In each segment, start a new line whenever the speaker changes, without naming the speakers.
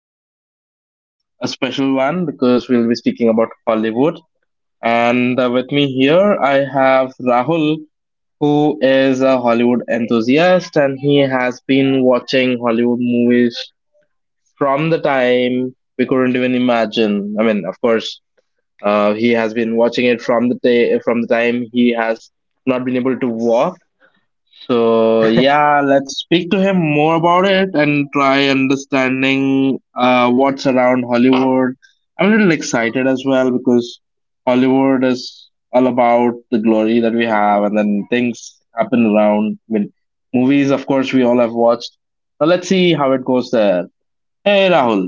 episode is a special one because we'll be speaking about Hollywood. And with me here, I have Rahul, who is a Hollywood enthusiast and he has been watching Hollywood movies from the time we couldn't even imagine. I mean, of course, he has been watching it from the time he has not been able to walk, so
Hey
yeah, let's speak to him more about it and try understanding what's around Hollywood. I'm a little excited as well because Hollywood is all about the glory that we have, and then things happen around. I mean, movies, of course, we all have watched. But let's see how it goes there. Hey, Rahul.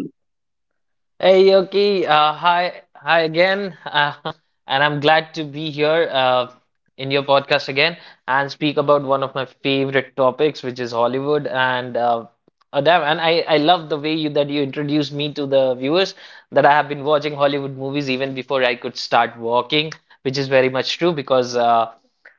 Yoki, hi, hi again, and I'm glad to be here in your podcast again and speak about one of my favorite topics, which is Hollywood and Adam. And I love the way you that you introduced me to the viewers that I have been watching Hollywood movies even before I could start walking, which is very much true because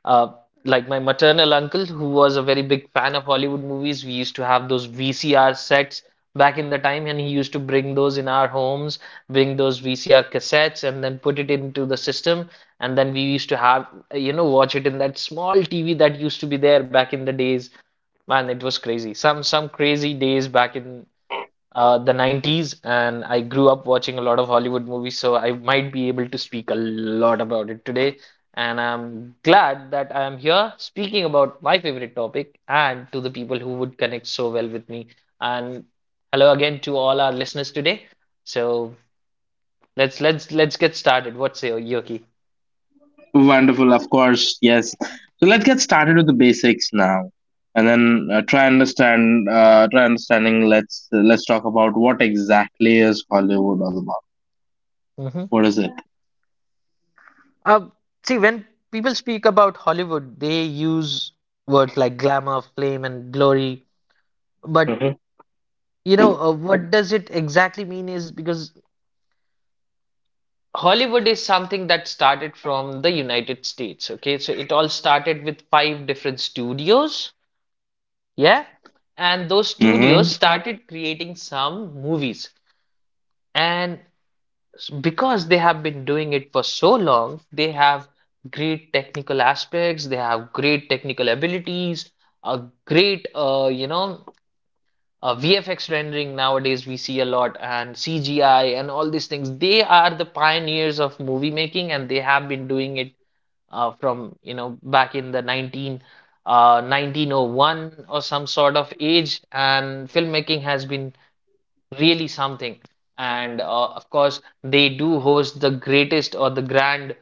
Uh, like my maternal uncle, who was a very big fan of Hollywood movies, we used to have those VCR sets back in the time, and he used to bring those in our homes, bring those VCR cassettes, and then put it into the system. And then we used to have, watch it in that small TV that used to be there back in the days. Man, it was crazy. Some crazy days back in the 90s, and I grew up watching a lot of Hollywood movies, so I might be able to speak a lot about it today. And I'm glad that I am here speaking about my favorite topic and to the people who would connect so well with me. And hello again to all our listeners today. So let's get started. What say you, Yoki?
Wonderful, of course, yes. So let's get started with the basics now, and then try understanding. Let's talk about what exactly is Hollywood all about.
hmm
What is it?
Uh, See, when people speak about Hollywood, they use words like glamour, flame, and glory. But
Mhm.
What does it exactly mean is because Hollywood is something that started from the United States, okay? So it all started with five different studios, yeah? And those studios
Mm-hmm.
started creating some movies. And because they have been doing it for so long, they have great technical aspects, they have great technical abilities, a great, VFX rendering nowadays we see a lot, and CGI and all these things. They are the pioneers of movie making, and they have been doing it from back in the 19 uh, 1901 or some sort of age, and filmmaking has been really something. And of course, they do host the greatest or the grand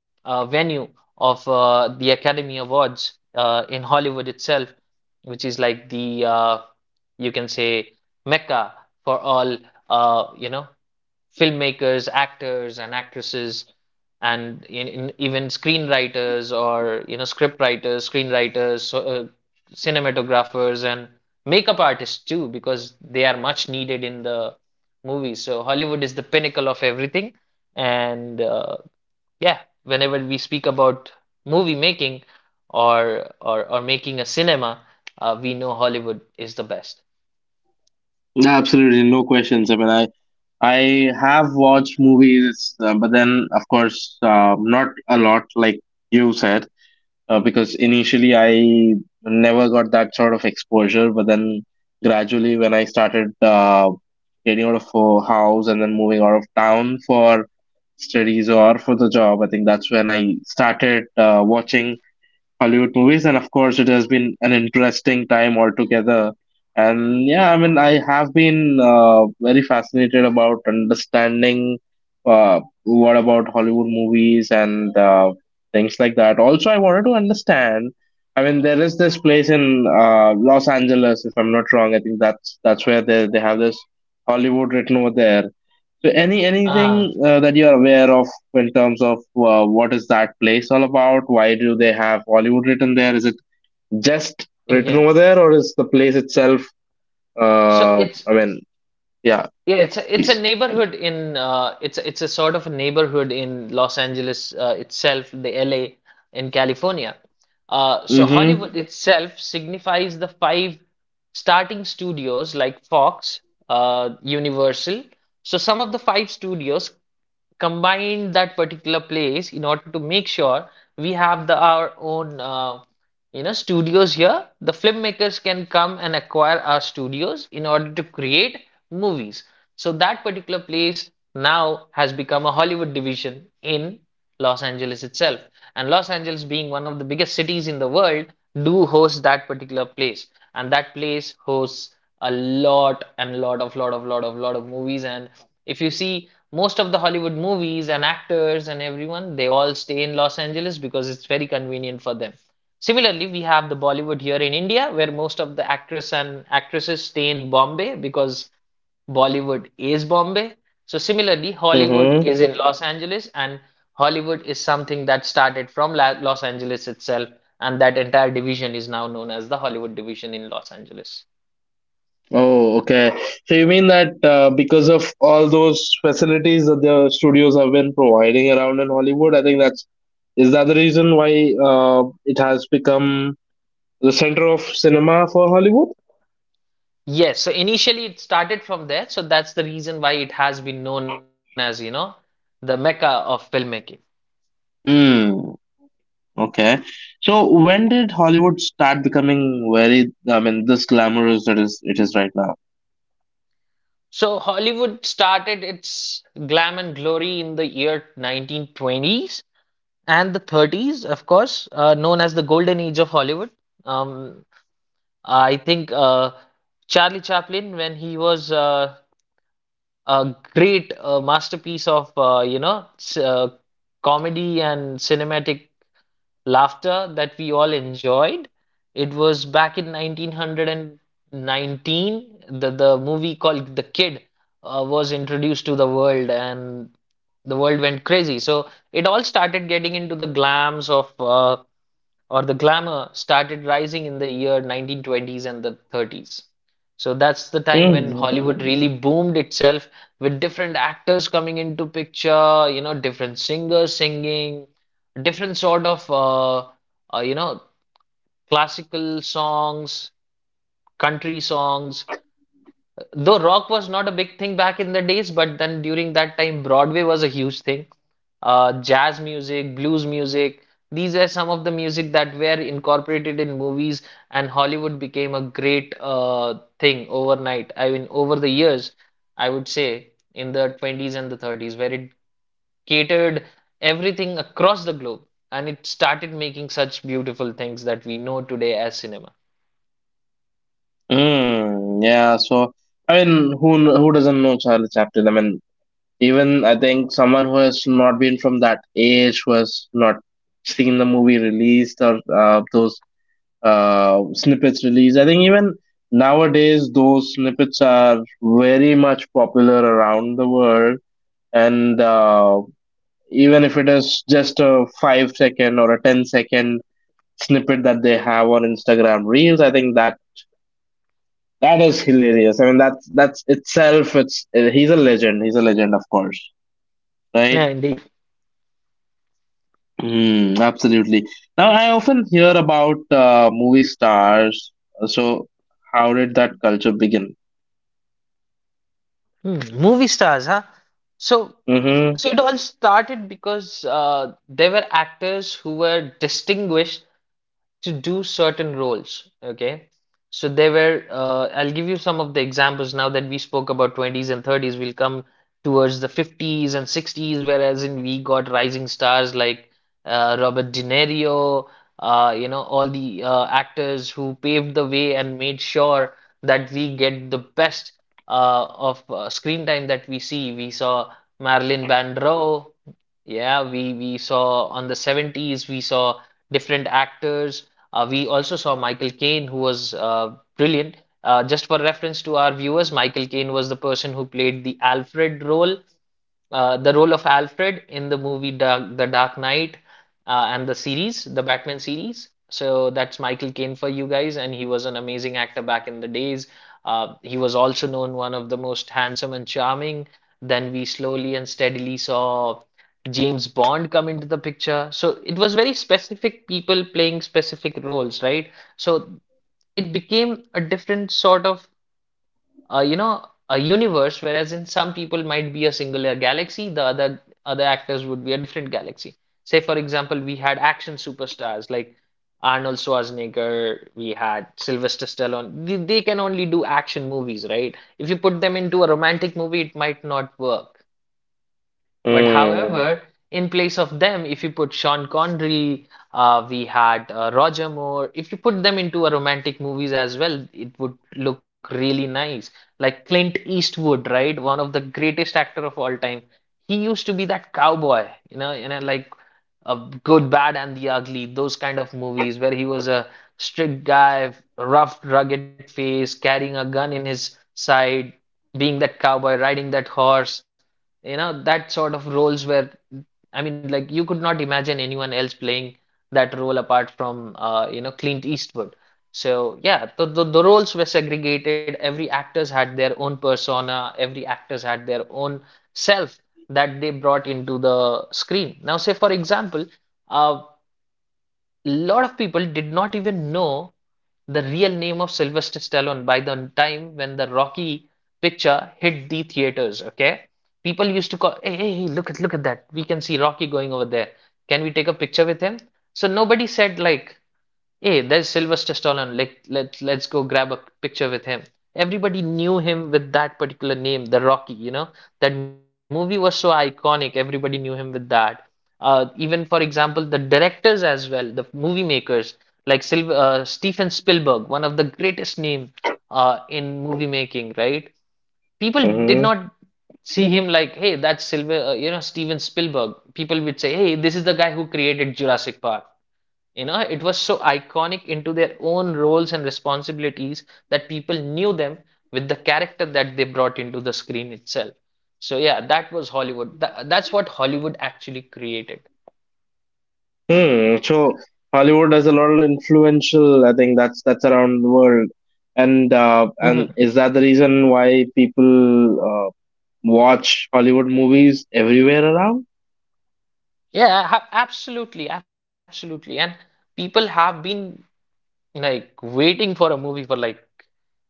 venue of the Academy Awards in Hollywood itself, which is like the you can say Mecca for all uh, you know filmmakers, actors and actresses, and in even screenwriters or script writers, screenwriters, cinematographers, and makeup artists too, because they are much needed in the movies. So Hollywood is the pinnacle of everything, and yeah, whenever we speak about movie making or making a cinema, we know Hollywood is the best.
Absolutely, no questions. I mean, I have watched movies, but then of course, not a lot, like you said. Because initially I never got that sort of exposure, but then gradually when I started getting out of house and then moving out of town for studies or for the job, I think that's when I started watching Hollywood movies, and of course, it has been an interesting time altogether. And yeah, I mean, I have been very fascinated about understanding what about Hollywood movies and things like that. Also, I wanted to understand. I mean, there is this place in Los Angeles, if I'm not wrong. I think that's where they have this Hollywood written over there. So any
Ah,
anything that you're aware of in terms of what is that place all about? Why do they have Hollywood written there? Is it just written
yeah.
over there, or is the place itself?
So
Uh,
it's
I mean, yeah,
Yeah, it's a
please.
neighborhood in it's a sort of a neighborhood in Los Angeles itself, the LA in California. So
Mm-hmm.
Hollywood itself signifies the five starting studios like Fox, Universal. So some of the five studios combine that particular place in order to make sure we have the our own studios here the filmmakers can come and acquire our studios in order to create movies so that particular place now has become a hollywood division in Los Angeles itself. And Los Angeles, being one of the biggest cities in the world, do host that particular place. And that place hosts a lot and lot of lot of lot of lot of movies. And if you see most of the Hollywood movies and actors and everyone, they all stay in Los Angeles because it's very convenient for them. Similarly, we have the Bollywood here in India, where most of the actors and actresses stay in Bombay because Bollywood is Bombay. So similarly, Hollywood
Mm-hmm.
is in Los Angeles and Hollywood is something that started from La Los Angeles itself, and that entire division is now known as the Hollywood division in Los Angeles.
Oh, okay. So you mean that because of all those facilities that the studios have been providing around in Hollywood, I think that's is that the reason why it has become the center of cinema for Hollywood?
Yes, so initially it started from there, so that's the reason why it has been known as, the mecca of filmmaking.
Hmm. Okay. So when did Hollywood start becoming very, I mean, this glamorous that is it is right now?
So Hollywood started its glam and glory in the year 1920s and the 30s, of course, known as the golden age of Hollywood. Um, I think Charlie Chaplin, when he was a great masterpiece of comedy and cinematic laughter that we all enjoyed. It was back in 1919 the movie called The Kid was introduced to the world and the world went crazy. So it all started getting into the glams of or the glamour started rising in the year 1920s and the 30s. So that's the time when
Mm.
Hollywood really boomed itself with different actors coming into picture, different singers singing, different sort of uh, you know, classical songs, country songs, though rock was not a big thing back in the days, but then during that time, Broadway was a huge thing. Jazz music, blues music, these are some of the music that were incorporated in movies, and Hollywood became a great thing overnight. I mean, over the years, I would say in the 20s and the 30s, where it catered everything across the globe and it started making such beautiful things that we know today as cinema.
Mm, yeah, so I mean, who doesn't know Charlie Chaplin? I mean, even I think someone who has not been from that age, who has not seen the movie released or those snippets released, I think even nowadays those snippets are very much popular around the world, and even if it is just a 5-second or a 10 second snippet that they have on Instagram reels. I think that is hilarious. I mean, that's itself, it's he's a legend. He's a legend, of course,
Yeah,
right?
indeed.
Mm, absolutely. Now I often hear about movie stars. So how did that culture begin?
Hmm, movie stars, huh? So,
Mm-hmm.
so it all started because they were actors who were distinguished to do certain roles. Okay. So there were, I'll give you some of the examples now that we spoke about 20s and 30s. We'll come towards the 50s and 60s, whereas in we got rising stars like Robert De Niro, all the actors who paved the way and made sure that we get the best of screen time that we see. We saw Marilyn Monroe, yeah, we saw on the 70s we saw different actors. We also saw Michael Caine who was brilliant. Just for reference to our viewers, Michael Caine was the person who played the Alfred role the role of Alfred in the movie The Dark Knight and the series, the Batman series. So that's Michael Caine for you guys, and he was an amazing actor back in the days. He was also known one of the most handsome and charming. Then we slowly and steadily saw James Bond come into the picture. So it was very specific people playing specific roles, right? So it became a different sort of a universe, whereas in some people might be a singular galaxy, the other actors would be a different galaxy. Say, for example, we had action superstars like Arnold Schwarzenegger, we had Sylvester Stallone. They can only do action movies, right? If you put them into a romantic movie, it might not work. But however, in place of them, if you put Sean Connery, we had Roger Moore. If you put them into a romantic movies as well, it would look really nice. Like Clint Eastwood, right? One of the greatest actor of all time. He used to be that cowboy, like Good, Bad, and the Ugly. Those kind of movies where he was a strict guy, rough, rugged face, carrying a gun in his side, being that cowboy, riding that horse, that sort of roles where I mean like you could not imagine anyone else playing that role apart from Clint Eastwood. So yeah, the roles were segregated. Every actors had their own persona. Every actors had their own self that they brought into the screen. Now, say for example, uh, a lot of people did not even know the real name of Sylvester Stallone by the time when the Rocky picture hit the theaters. Okay, people used to call, hey, look at that. We can see Rocky going over there. Can we take a picture with him? So nobody said like, hey, there's Sylvester Stallone. Like, let's go grab a picture with him. Everybody knew him with that particular name, The Rocky, you know. That movie was so iconic. Everybody knew him with that. Even for example, the directors as well, the movie makers like Syl Steven Spielberg, one of the greatest name in movie making, right? People did
Mm-hmm.
not see him like, hey, that's Silver, you know, Steven Spielberg. People would say, hey, this is the guy who created Jurassic Park. You know, it was so iconic into their own roles and responsibilities that people knew them with the character that they brought into the screen itself. So yeah, that was Hollywood. That's what Hollywood actually created.
Hmm. So Hollywood has a lot of influential. I think that's around the world, and
Mhm.
is that the reason why people watch Hollywood movies everywhere around?
Yeah, absolutely, absolutely. And people have been like waiting for a movie for like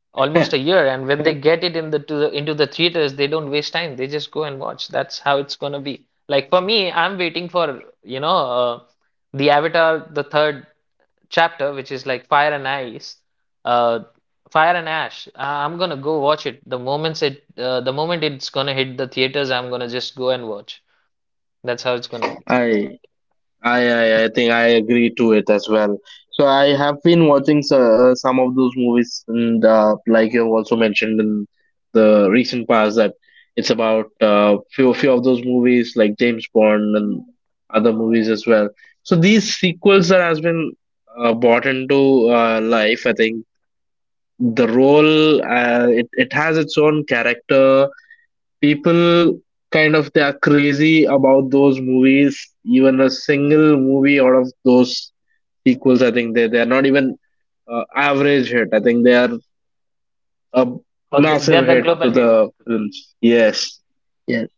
almost a year, and when they get it in the to the into the theaters, they don't waste time, they just go and watch. That's how it's gonna be like for me. I'm waiting for uh, the Avatar, the third chapter, which is like Fire and Ice uh Fire and Ash. I'm gonna go watch it the moment it's gonna hit the theaters. I'm gonna just go and watch. That's how it's gonna
I
be.
I think I agree to it as well. So I have been watching so, some of those movies, and like you also mentioned in the recent past, that it's about few of those movies like James Bond and other movies as well. So these sequels that has been brought into life, I think the role it has its own character. People kind of they are crazy about those movies. Even a single movie out of those sequels, I think they are not even average hit. I think they are a
Or th
massive
they're
hit
the
to
global hit.
the films. Yes, yes.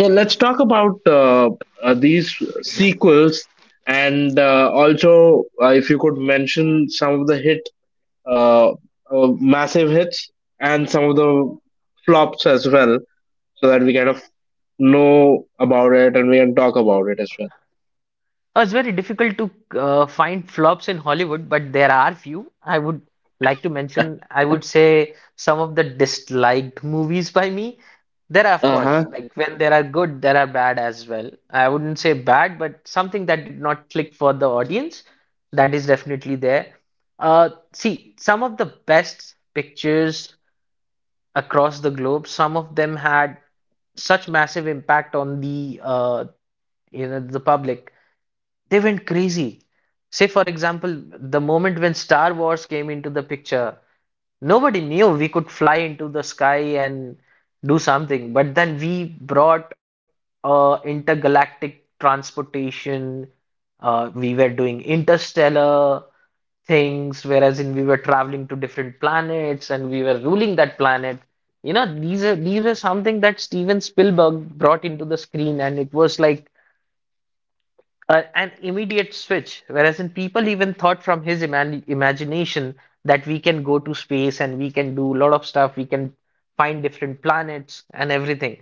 So let's talk about these sequels. And also, if you could mention some of the hit, massive hits, and some of the flops as well, so that we kind of know about it and we can talk about it as well.
Oh, it's very difficult to find flops in Hollywood, but there are few. I would like to mention, I would say, some of the disliked movies by me. There are, of
Uh
course,
huh.
like when there are good, there are bad as well. I wouldn't say bad, but something that did not click for the audience, that is definitely there. See, some of the best pictures across the globe, some of them had such massive impact on the you know, the public, they went crazy. Say, for example, the moment when Star Wars came into the picture, nobody knew we could fly into the sky and do something. But then we brought intergalactic transportation. We were doing interstellar things, whereas in we were traveling to different planets and we were ruling that planet. You know, these are something that Steven Spielberg brought into the screen, and it was like an immediate switch, whereas in people even thought from his imagination that we can go to space and we can do a lot of stuff, we can find different planets and everything.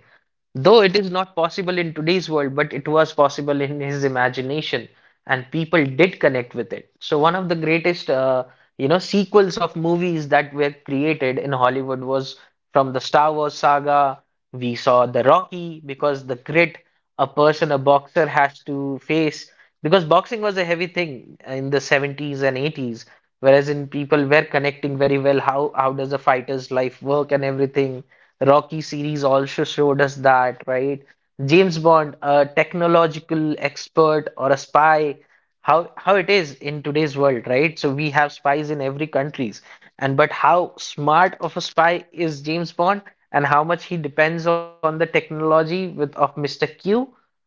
Though it is not possible in today's world, but it was possible in his imagination, and people did connect with it. So one of the greatest, you know, sequels of movies that were created in Hollywood was from the Star Wars saga. We saw the Rocky because the grit a person, a boxer has to face, because boxing was a heavy thing in the 70s and 80s, whereas in people were connecting very well how does a fighter's life work and everything. Rocky series also showed us that, right? James Bond, a technological expert or a spy, how it is in today's world, right? So we have spies in every countries, and but how smart of a spy is James Bond? And how much he depends on the technology with of Mr. Q,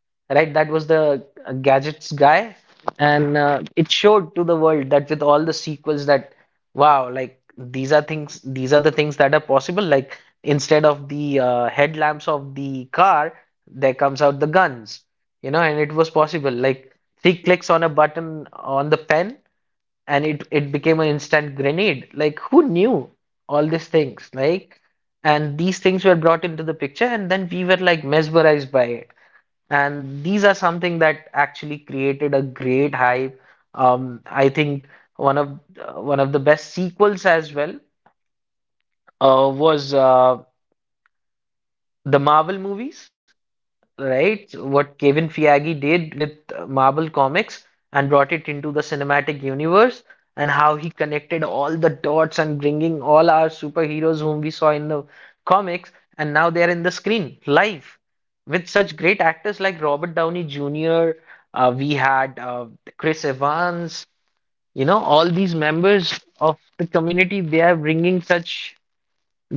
right? That was the gadgets guy, and it showed to the world that with all the sequels, that wow, like these are the things that are possible. Like instead of the headlamps of the car, there comes out the guns, you know, and it was possible. Like three clicks on a button on the pen, and it became an instant grenade. Like who knew all these things? Like. And these things were brought into the picture, and then we were like mesmerized by it, and these are something that actually created a great hype. I think one of the best sequels as well was the Marvel movies. Right? What Kevin Feige did with Marvel Comics and brought it into the cinematic universe, and how he connected all the dots and bringing all our superheroes whom we saw in the comics, and now they are in the screen live with such great actors like Robert Downey Jr. We had Chris Evans, you know, all these members of the community, they are bringing such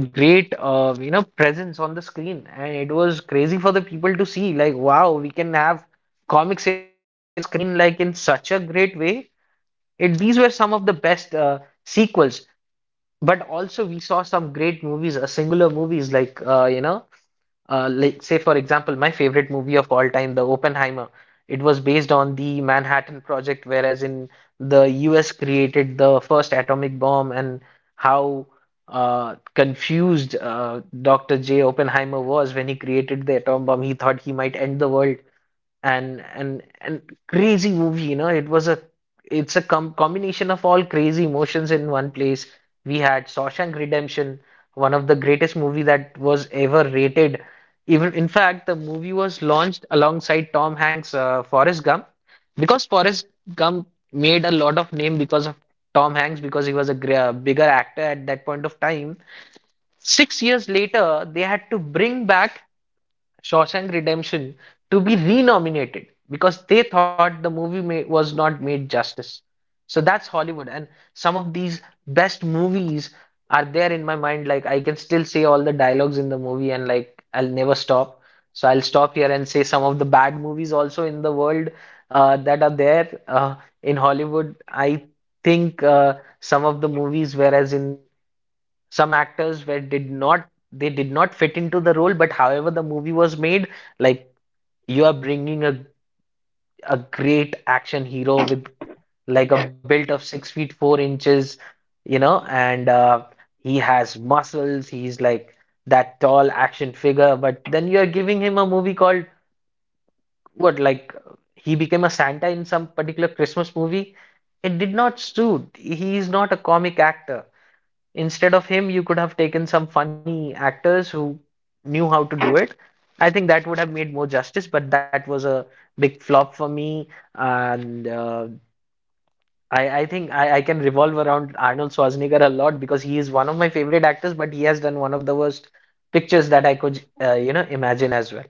great you know, presence on the screen, and it was crazy for the people to see like wow, we can have comics in our screen like in such a great way. It These were some of the best sequels, but also we saw some great movies, singular movies, like like, say for example, my favorite movie of all time, the Oppenheimer. It was based on the Manhattan Project, whereas in the U.S. created the first atomic bomb, and how confused Dr. J. Oppenheimer was when he created the atom bomb. He thought he might end the world, and and crazy movie, you know, it was a it's a com combination of all crazy emotions in one place. We had Shawshank Redemption, one of the greatest movie that was ever rated. Even in fact, the movie was launched alongside Tom Hanks' Forrest Gump, because Forrest Gump made a lot of name because of Tom Hanks, because he was a gr bigger actor at that point of time. 6 years later, they had to bring back Shawshank Redemption to be renominated, because they thought the movie was not made justice. So that's Hollywood, and some of these best movies are there in my mind. Like I can still say all the dialogues in the movie, and like I'll never stop. So I'll stop here and say some of the bad movies also in the world that are there in Hollywood. I think some of the movies, whereas in some actors where did not they did not fit into the role, but however the movie was made, like you are bringing a great action hero with like a build of 6 feet 4 inches, you know, and he has muscles, he's like that tall action figure, but then you are giving him a movie called what, like he became a Santa in some particular Christmas movie. It did not suit. He is not a comic actor. Instead of him, you could have taken some funny actors who knew how to do it. I think that would have made more justice, but that was a big flop for me. And I think I can revolve around Arnold Schwarzenegger a lot because he is one of my favorite actors, but he has done one of the worst pictures that I could, you know, imagine as well.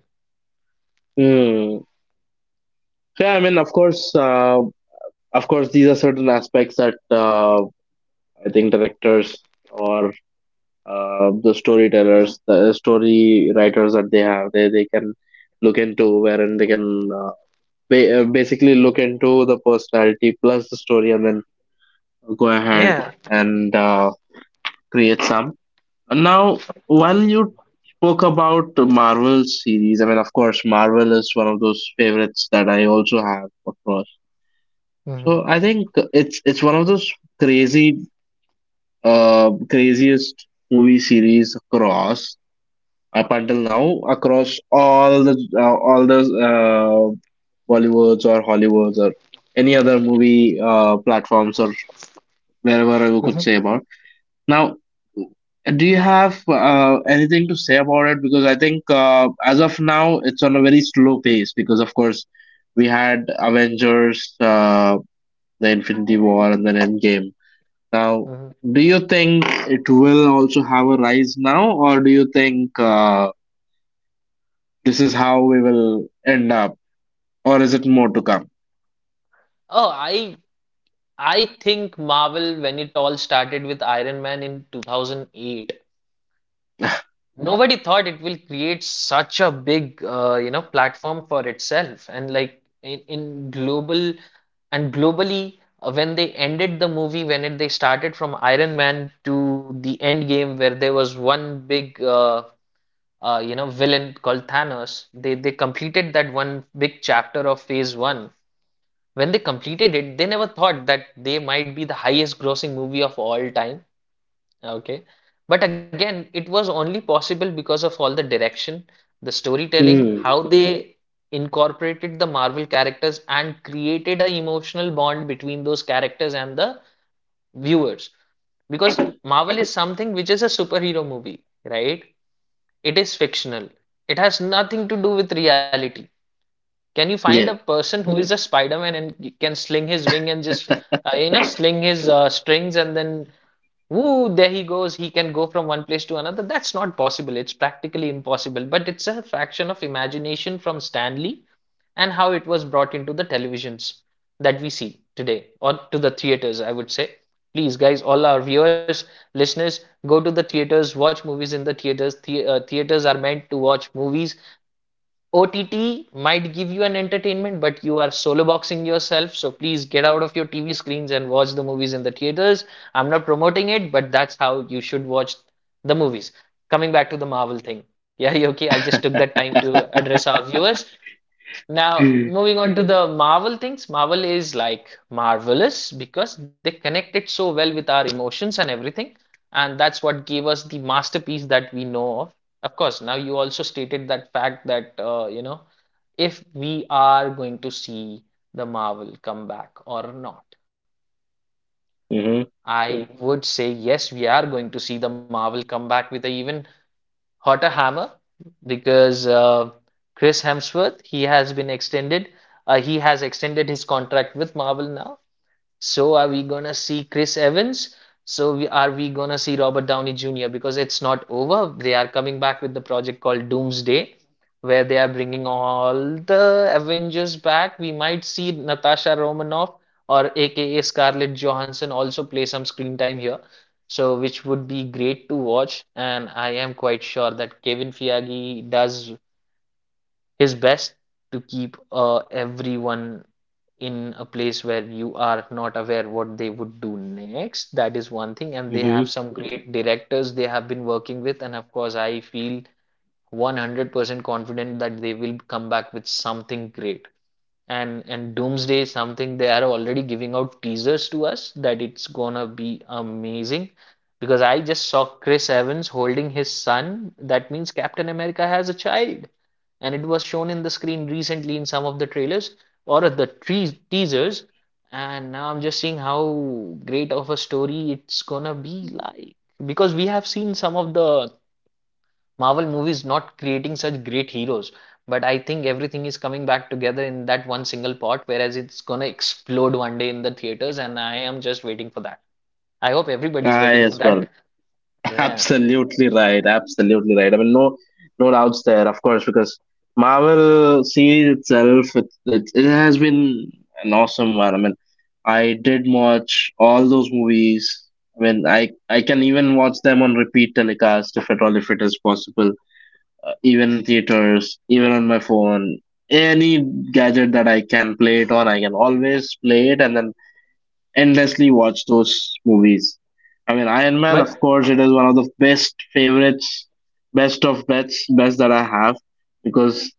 Hmm. So, yeah, I mean, of course, these are certain aspects that I think directors or the storytellers, the story writers that they have, they can look into wherein they can basically look into the personality plus the story and then go ahead
Yeah.
and create some. Now, while you spoke about the Marvel series, I mean, of course, Marvel is one of those favorites that I also have, of course.
Hmm.
So I think it's one of those crazy, craziest movie series across up until now, across all the Bollywoods or Hollywoods or any other movie platforms or wherever I could say
Hmm.
about. Now, do you have anything to say about it? Because I think as of now, it's on a very slow pace. Because of course, we had Avengers, the Infinity War, and then Endgame. Now,
Hmm.
do you think it will also have a rise now, or do you think this is how we will end up, or is it more to come?
Oh, I think Marvel, when it all started with Iron Man in 2008, nobody thought it will create such a big, you know, platform for itself. And like in global and globally, when they ended the movie, they started from Iron Man to the end game, where there was one big, you know, villain called Thanos. They completed that one big chapter of Phase One. When they completed it, they never thought that they might be the highest grossing movie of all time. Okay. But again, it was only possible because of all the direction, the storytelling,
Mm,
how they incorporated the Marvel characters and created an emotional bond between those characters and the viewers. Because Marvel is something which is a superhero movie, right? It is fictional. It has nothing to do with reality. Can you find a
yeah.
person who is a Spider-Man and can sling his wing and just you know, sling his strings, and then woo, there he goes. He can go from one place to another. That's not possible. It's practically impossible. But it's a fraction of imagination from Stanley, and how it was brought into the televisions that we see today or to the theaters, I would say. Please, guys, all our viewers, listeners, go to the theaters, watch movies in the theaters. The theaters are meant to watch movies. OTT might give you an entertainment, but you are solo boxing yourself. So please get out of your TV screens and watch the movies in the theaters. I'm not promoting it, but that's how you should watch the movies. Coming back to the Marvel thing. Yeah, okay, I just took that time to address our viewers. Now, moving on to the Marvel things, Marvel is like marvelous because they connect it so well with our emotions and everything. And that's what gave us the masterpiece that we know of. Of course, now you also stated that fact that, you know, if we are going to see the Marvel comeback or not.
Mm-hmm.
I mhm would say yes, we are going to see the Marvel comeback with an even hotter hammer, because Chris Hemsworth, he has been extended. He has extended his contract with Marvel now, so are we gonna see Chris Evans? Are we gonna see Robert Downey Jr.? Because it's not over. They are coming back with the project called Doomsday, where they are bringing all the Avengers back. We might see Natasha Romanoff or AKA Scarlett Johansson also play some screen time here. So which would be great to watch. And I am quite sure that Kevin Feige does his best to keep everyone in a place where you are not aware what they would do next. That is one thing. And they have
Mm-hmm.
some great directors they have been working with. And of course, I feel 100% confident that they will come back with something great. And Doomsday is something they are already giving out teasers to us that it's gonna be amazing. Because I just saw Chris Evans holding his son. That means Captain America has a child. And it was shown in the screen recently in some of the trailers or the tre teasers. And now I'm just seeing how great of a story it's gonna be like. Because we have seen some of the Marvel movies not creating such great heroes, but I think everything is coming back together in that one single pot, whereas it's gonna explode one day in the theaters, and I am just waiting for that. I hope everybody's
I
waiting for
as well.
that. Yeah,
Absolutely right. Absolutely right. I mean, no, no doubts there, of course, because Marvel series itself, it has been an awesome one. I mean, I did watch all those movies. I mean, I can even watch them on repeat telecast if at all, if it is possible. Even in theaters, even on my phone, any gadget that I can play it on, I can always play it and then endlessly watch those movies. I mean, Iron Man, of
but
course, it is one of the best favorites, best of bets, best that I have because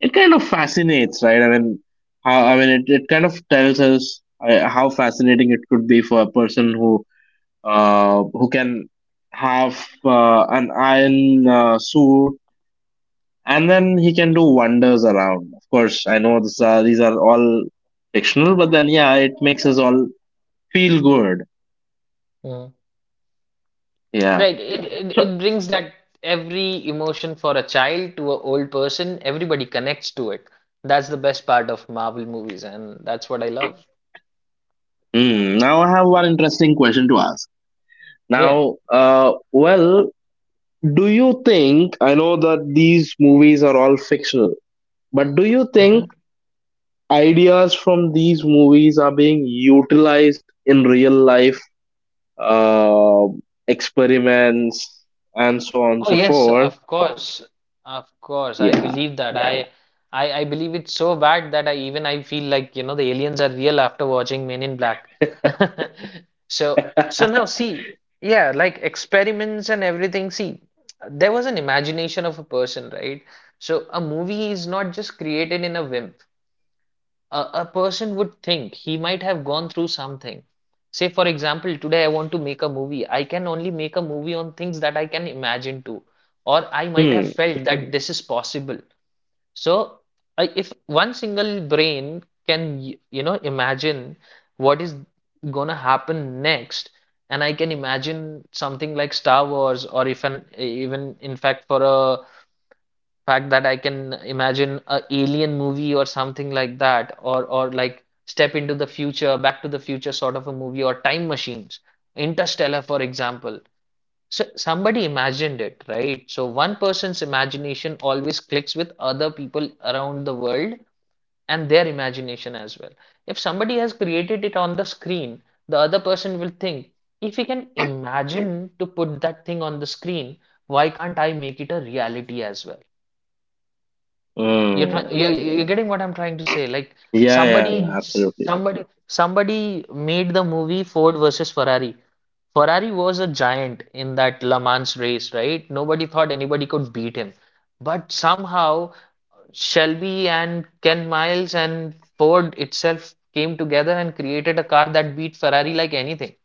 it kind of fascinates, right? I mean, how, I mean, it kind of tells us how fascinating it could be for a person who can have an iron suit and then he can do wonders around. Of course, I know these are all fictional, but then yeah, it makes us all feel good.
mm,
Yeah.
like it, it,
So,
it brings that every emotion for a child to an old person, everybody connects to it. That's the best part of Marvel movies, and that's what I love.
now I have one interesting question to ask.
Yeah.
Now, well, do you think I know that these movies are all fictional, but do you
Mhm.
think ideas from these movies are being utilized in real life uh, experiments and so on
Oh
and so
yes,
forth?
of course, of course. I
Yeah.
believe that. Yeah, yeah. I believe it's so bad that I even I feel like you know the aliens are real after watching Men in Black. So now see, yeah, like experiments and everything. See, there was an imagination of a person, right? So a movie is not just created in a whim a person would think he might have gone through something. Say, for example, today I want to make a movie. I can only make a movie on things that I can imagine to, or I might have
Hmm.
felt that this is possible. So, I, if one single brain can, you know, imagine what is gonna happen next, and I can imagine something like Star Wars, or if an even in fact for a fact that I can imagine a alien movie or something like that, or like Step into the Future, Back to the Future sort of a movie, or time machines, Interstellar, for example. So somebody imagined it, right? So one person's imagination always clicks with other people around the world and their imagination as well. If somebody has created it on the screen, the other person will think, if he can imagine to put that thing on the screen, why can't I make it a reality as well? You're trying,
Mm.
you're getting what I'm trying to say. Like
Yeah, yeah,
somebody,
yeah, absolutely.
somebody, somebody made the movie Ford versus Ferrari. Ferrari was a giant in that Le Mans race, right? Nobody thought anybody could beat him. But somehow Shelby and Ken Miles and Ford itself came together and created a car that beat Ferrari like anything.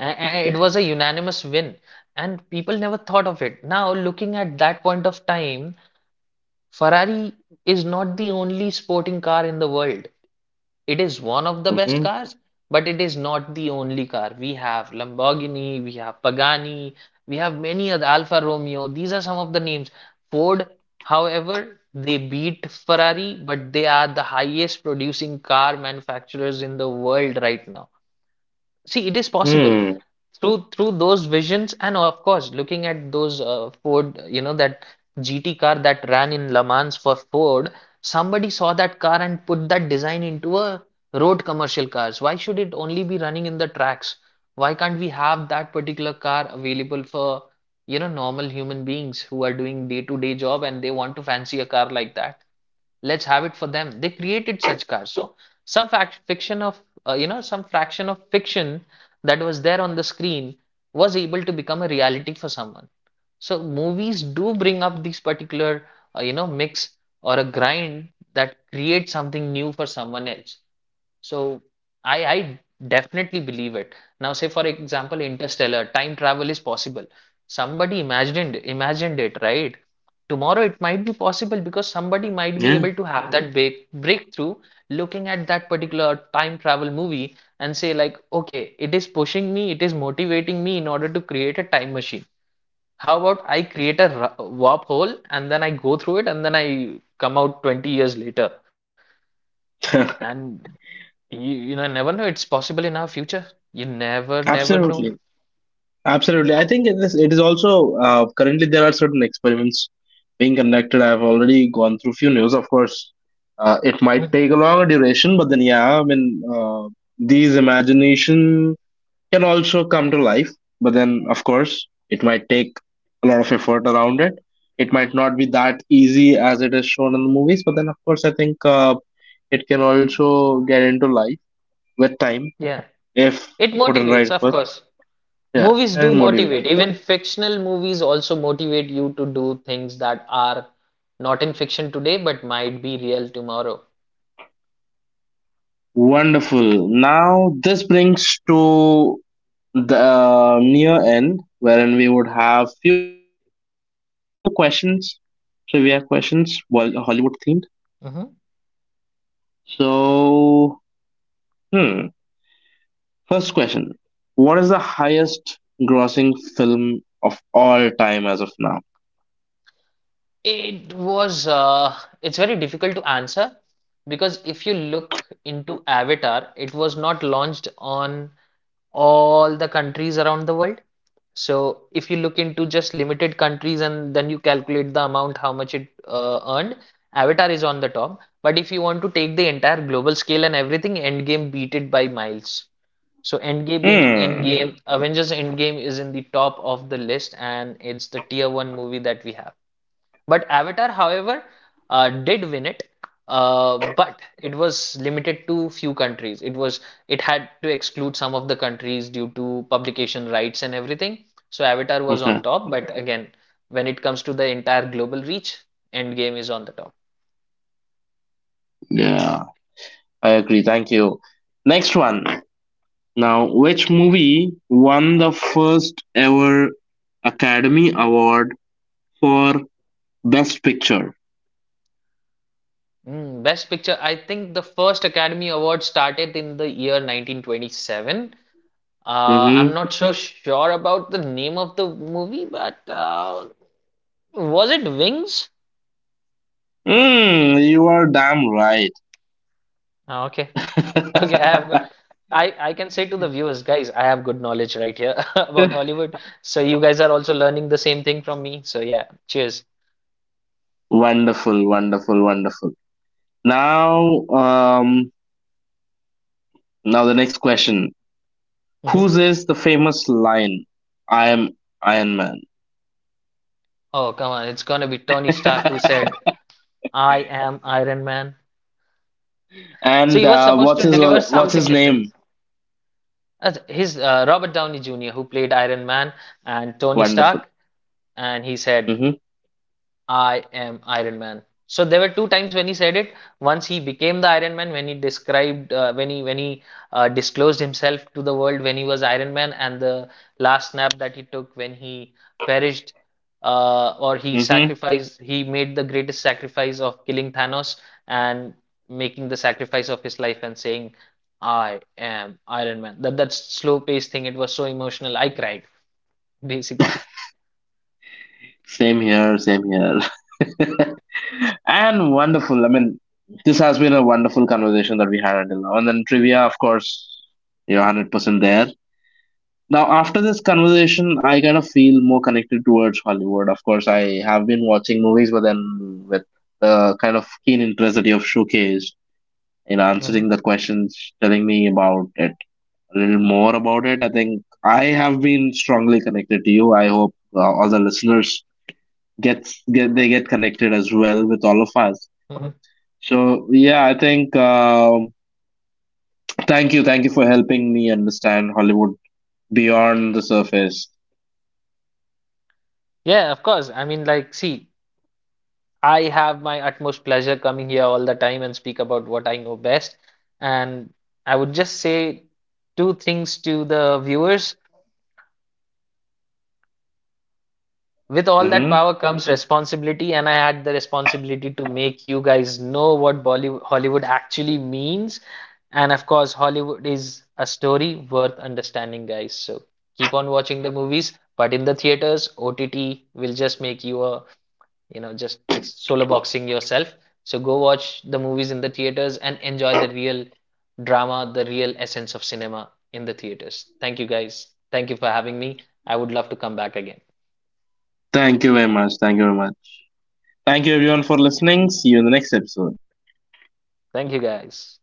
It was a unanimous win, and people never thought of it. Now, looking at that point of time, Ferrari is not the only sporting car in the world. It is one of the best
Hmm.
cars, but it is not the only car. We have Lamborghini, we have Pagani, we have many other Alfa Romeo. These are some of the names. Ford, however, they beat Ferrari, but they are the highest producing car manufacturers in the world right now. See, it is possible
Hmm.
through those visions, and of course, looking at those Ford, you know, that GT car that ran in Le Mans for Ford. Somebody saw that car and put that design into a road commercial cars. Why should it only be running in the tracks? Why can't we have that particular car available for, you know, normal human beings who are doing day-to-day job and they want to fancy a car like that? Let's have it for them. They created such cars. So some fact fiction of you know some fraction of fiction that was there on the screen was able to become a reality for someone. So movies do bring up these particular you know mix or a grind that creates something new for someone else. So I definitely believe it. Now, say for example, Interstellar, time travel is possible. Somebody imagined it, right? Tomorrow it might be possible because somebody might be
Yeah.
able to have that big breakthrough looking at that particular time travel movie and say like, okay, it is pushing me, it is motivating me in order to create a time machine. How about I create a warp hole and then I go through it and then I come out 20 years later. And you know, never know. It's possible in our future. You never know.
Absolutely. Absolutely, I think it is. It is also currently there are certain experiments being conducted. I've already gone through few news. Of course, it might take a
Mhm.
longer duration, but then yeah, I mean these imagination can also come to life. But then of course, it might take a lot of effort around it. It might not be that easy as it is shown in the movies. But then of course, I think it can also get into life with time
Yeah.
if
It
put in
motivates,
right
of
first.
course.
Yeah,
Movies do
and motivation.
motivate. Even fictional movies also motivate you to do things that are not in fiction today, but might be real tomorrow.
Wonderful. Now, this brings to the near end, wherein we would have few questions, trivia questions, well, Hollywood themed.
Hmm.
So, hmm, first question: what is the highest grossing film of all time as of now?
It was, it's very difficult to answer because if you look into Avatar, it was not launched on all the countries around the world. So if you look into just limited countries and then you calculate the amount how much it earned, Avatar is on the top. But if you want to take the entire global scale and everything, Endgame beat it by miles. So
Hmm.
Endgame, Avengers Endgame is in the top of the list and it's the tier one movie that we have. But Avatar, however, did win it, but it was limited to few countries. It had to exclude some of the countries due to publication rights and everything. So Avatar was on
Okay.
top, but again, when it comes to the entire global reach, Endgame is on the top.
Yeah, I agree. Thank you. Next one. Now, which movie won the first ever Academy Award for Best Picture.
Mm, Best Picture, I think the first Academy Award started in the year 1927. Uh,
Mm-hmm.
I'm not so sure about the name of the movie, but was it Wings?
Mm, you are damn right.
Ah, okay. Okay, I have good. I can say to the viewers, guys, I have good knowledge right here about Hollywood. So you guys are also learning the same thing from me. So yeah, cheers.
Wonderful, wonderful, wonderful. Now, um, now the next question:
Hmm.
whose is the famous line? I am Iron Man.
Oh, come on. It's gonna be Tony Stark who said, I am Iron Man. So
And
he was supposed
what's
to
his
deliver
what's
something
his
different.
name?
His Robert Downey Jr., who played Iron Man and Tony
Wonderful.
Stark, and he said,
Mm-hmm.
I am Iron Man. So there were two times when he said it. Once he became the Iron Man, when he described, when he disclosed himself to the world when he was Iron Man, and the last snap that he took when he perished, or he
Mm-hmm.
sacrificed, he made the greatest sacrifice of killing Thanos and making the sacrifice of his life and saying, "I am Iron Man." That slow-paced thing. It was so emotional. I cried basically.
Same here. Same here. And wonderful. I mean, this has been a wonderful conversation that we had until now. And then trivia, of course, you're 100% there. Now, after this conversation, I kind of feel more connected towards Hollywood. Of course, I have been watching movies, but then with the kind of keen interest that you have showcased in answering
Mhm,
the questions, telling me about it, a little more about it, I think I have been strongly connected to you. I hope all the listeners get they get connected as well with all of us.
mhm.
So yeah, I think thank you for helping me understand Hollywood beyond the surface.
Yeah, of course. I mean, like, see. I have my utmost pleasure coming here all the time and speak about what I know best. And I would just say two things to the viewers. With all that
Hmm.
power comes responsibility, and I had the responsibility to make you guys know what Bollywood, Hollywood actually means. And of course, Hollywood is a story worth understanding, guys. So keep on watching the movies, but in the theaters, OTT will just make you a you know just solo boxing yourself, so go watch the movies in the theaters and enjoy the real drama, the real essence of cinema in the theaters. Thank you guys, thank you for having me. I would love to come back again.
Thank you very much. Thank you very much. Thank you everyone for listening. See you in the next episode.
Thank you guys.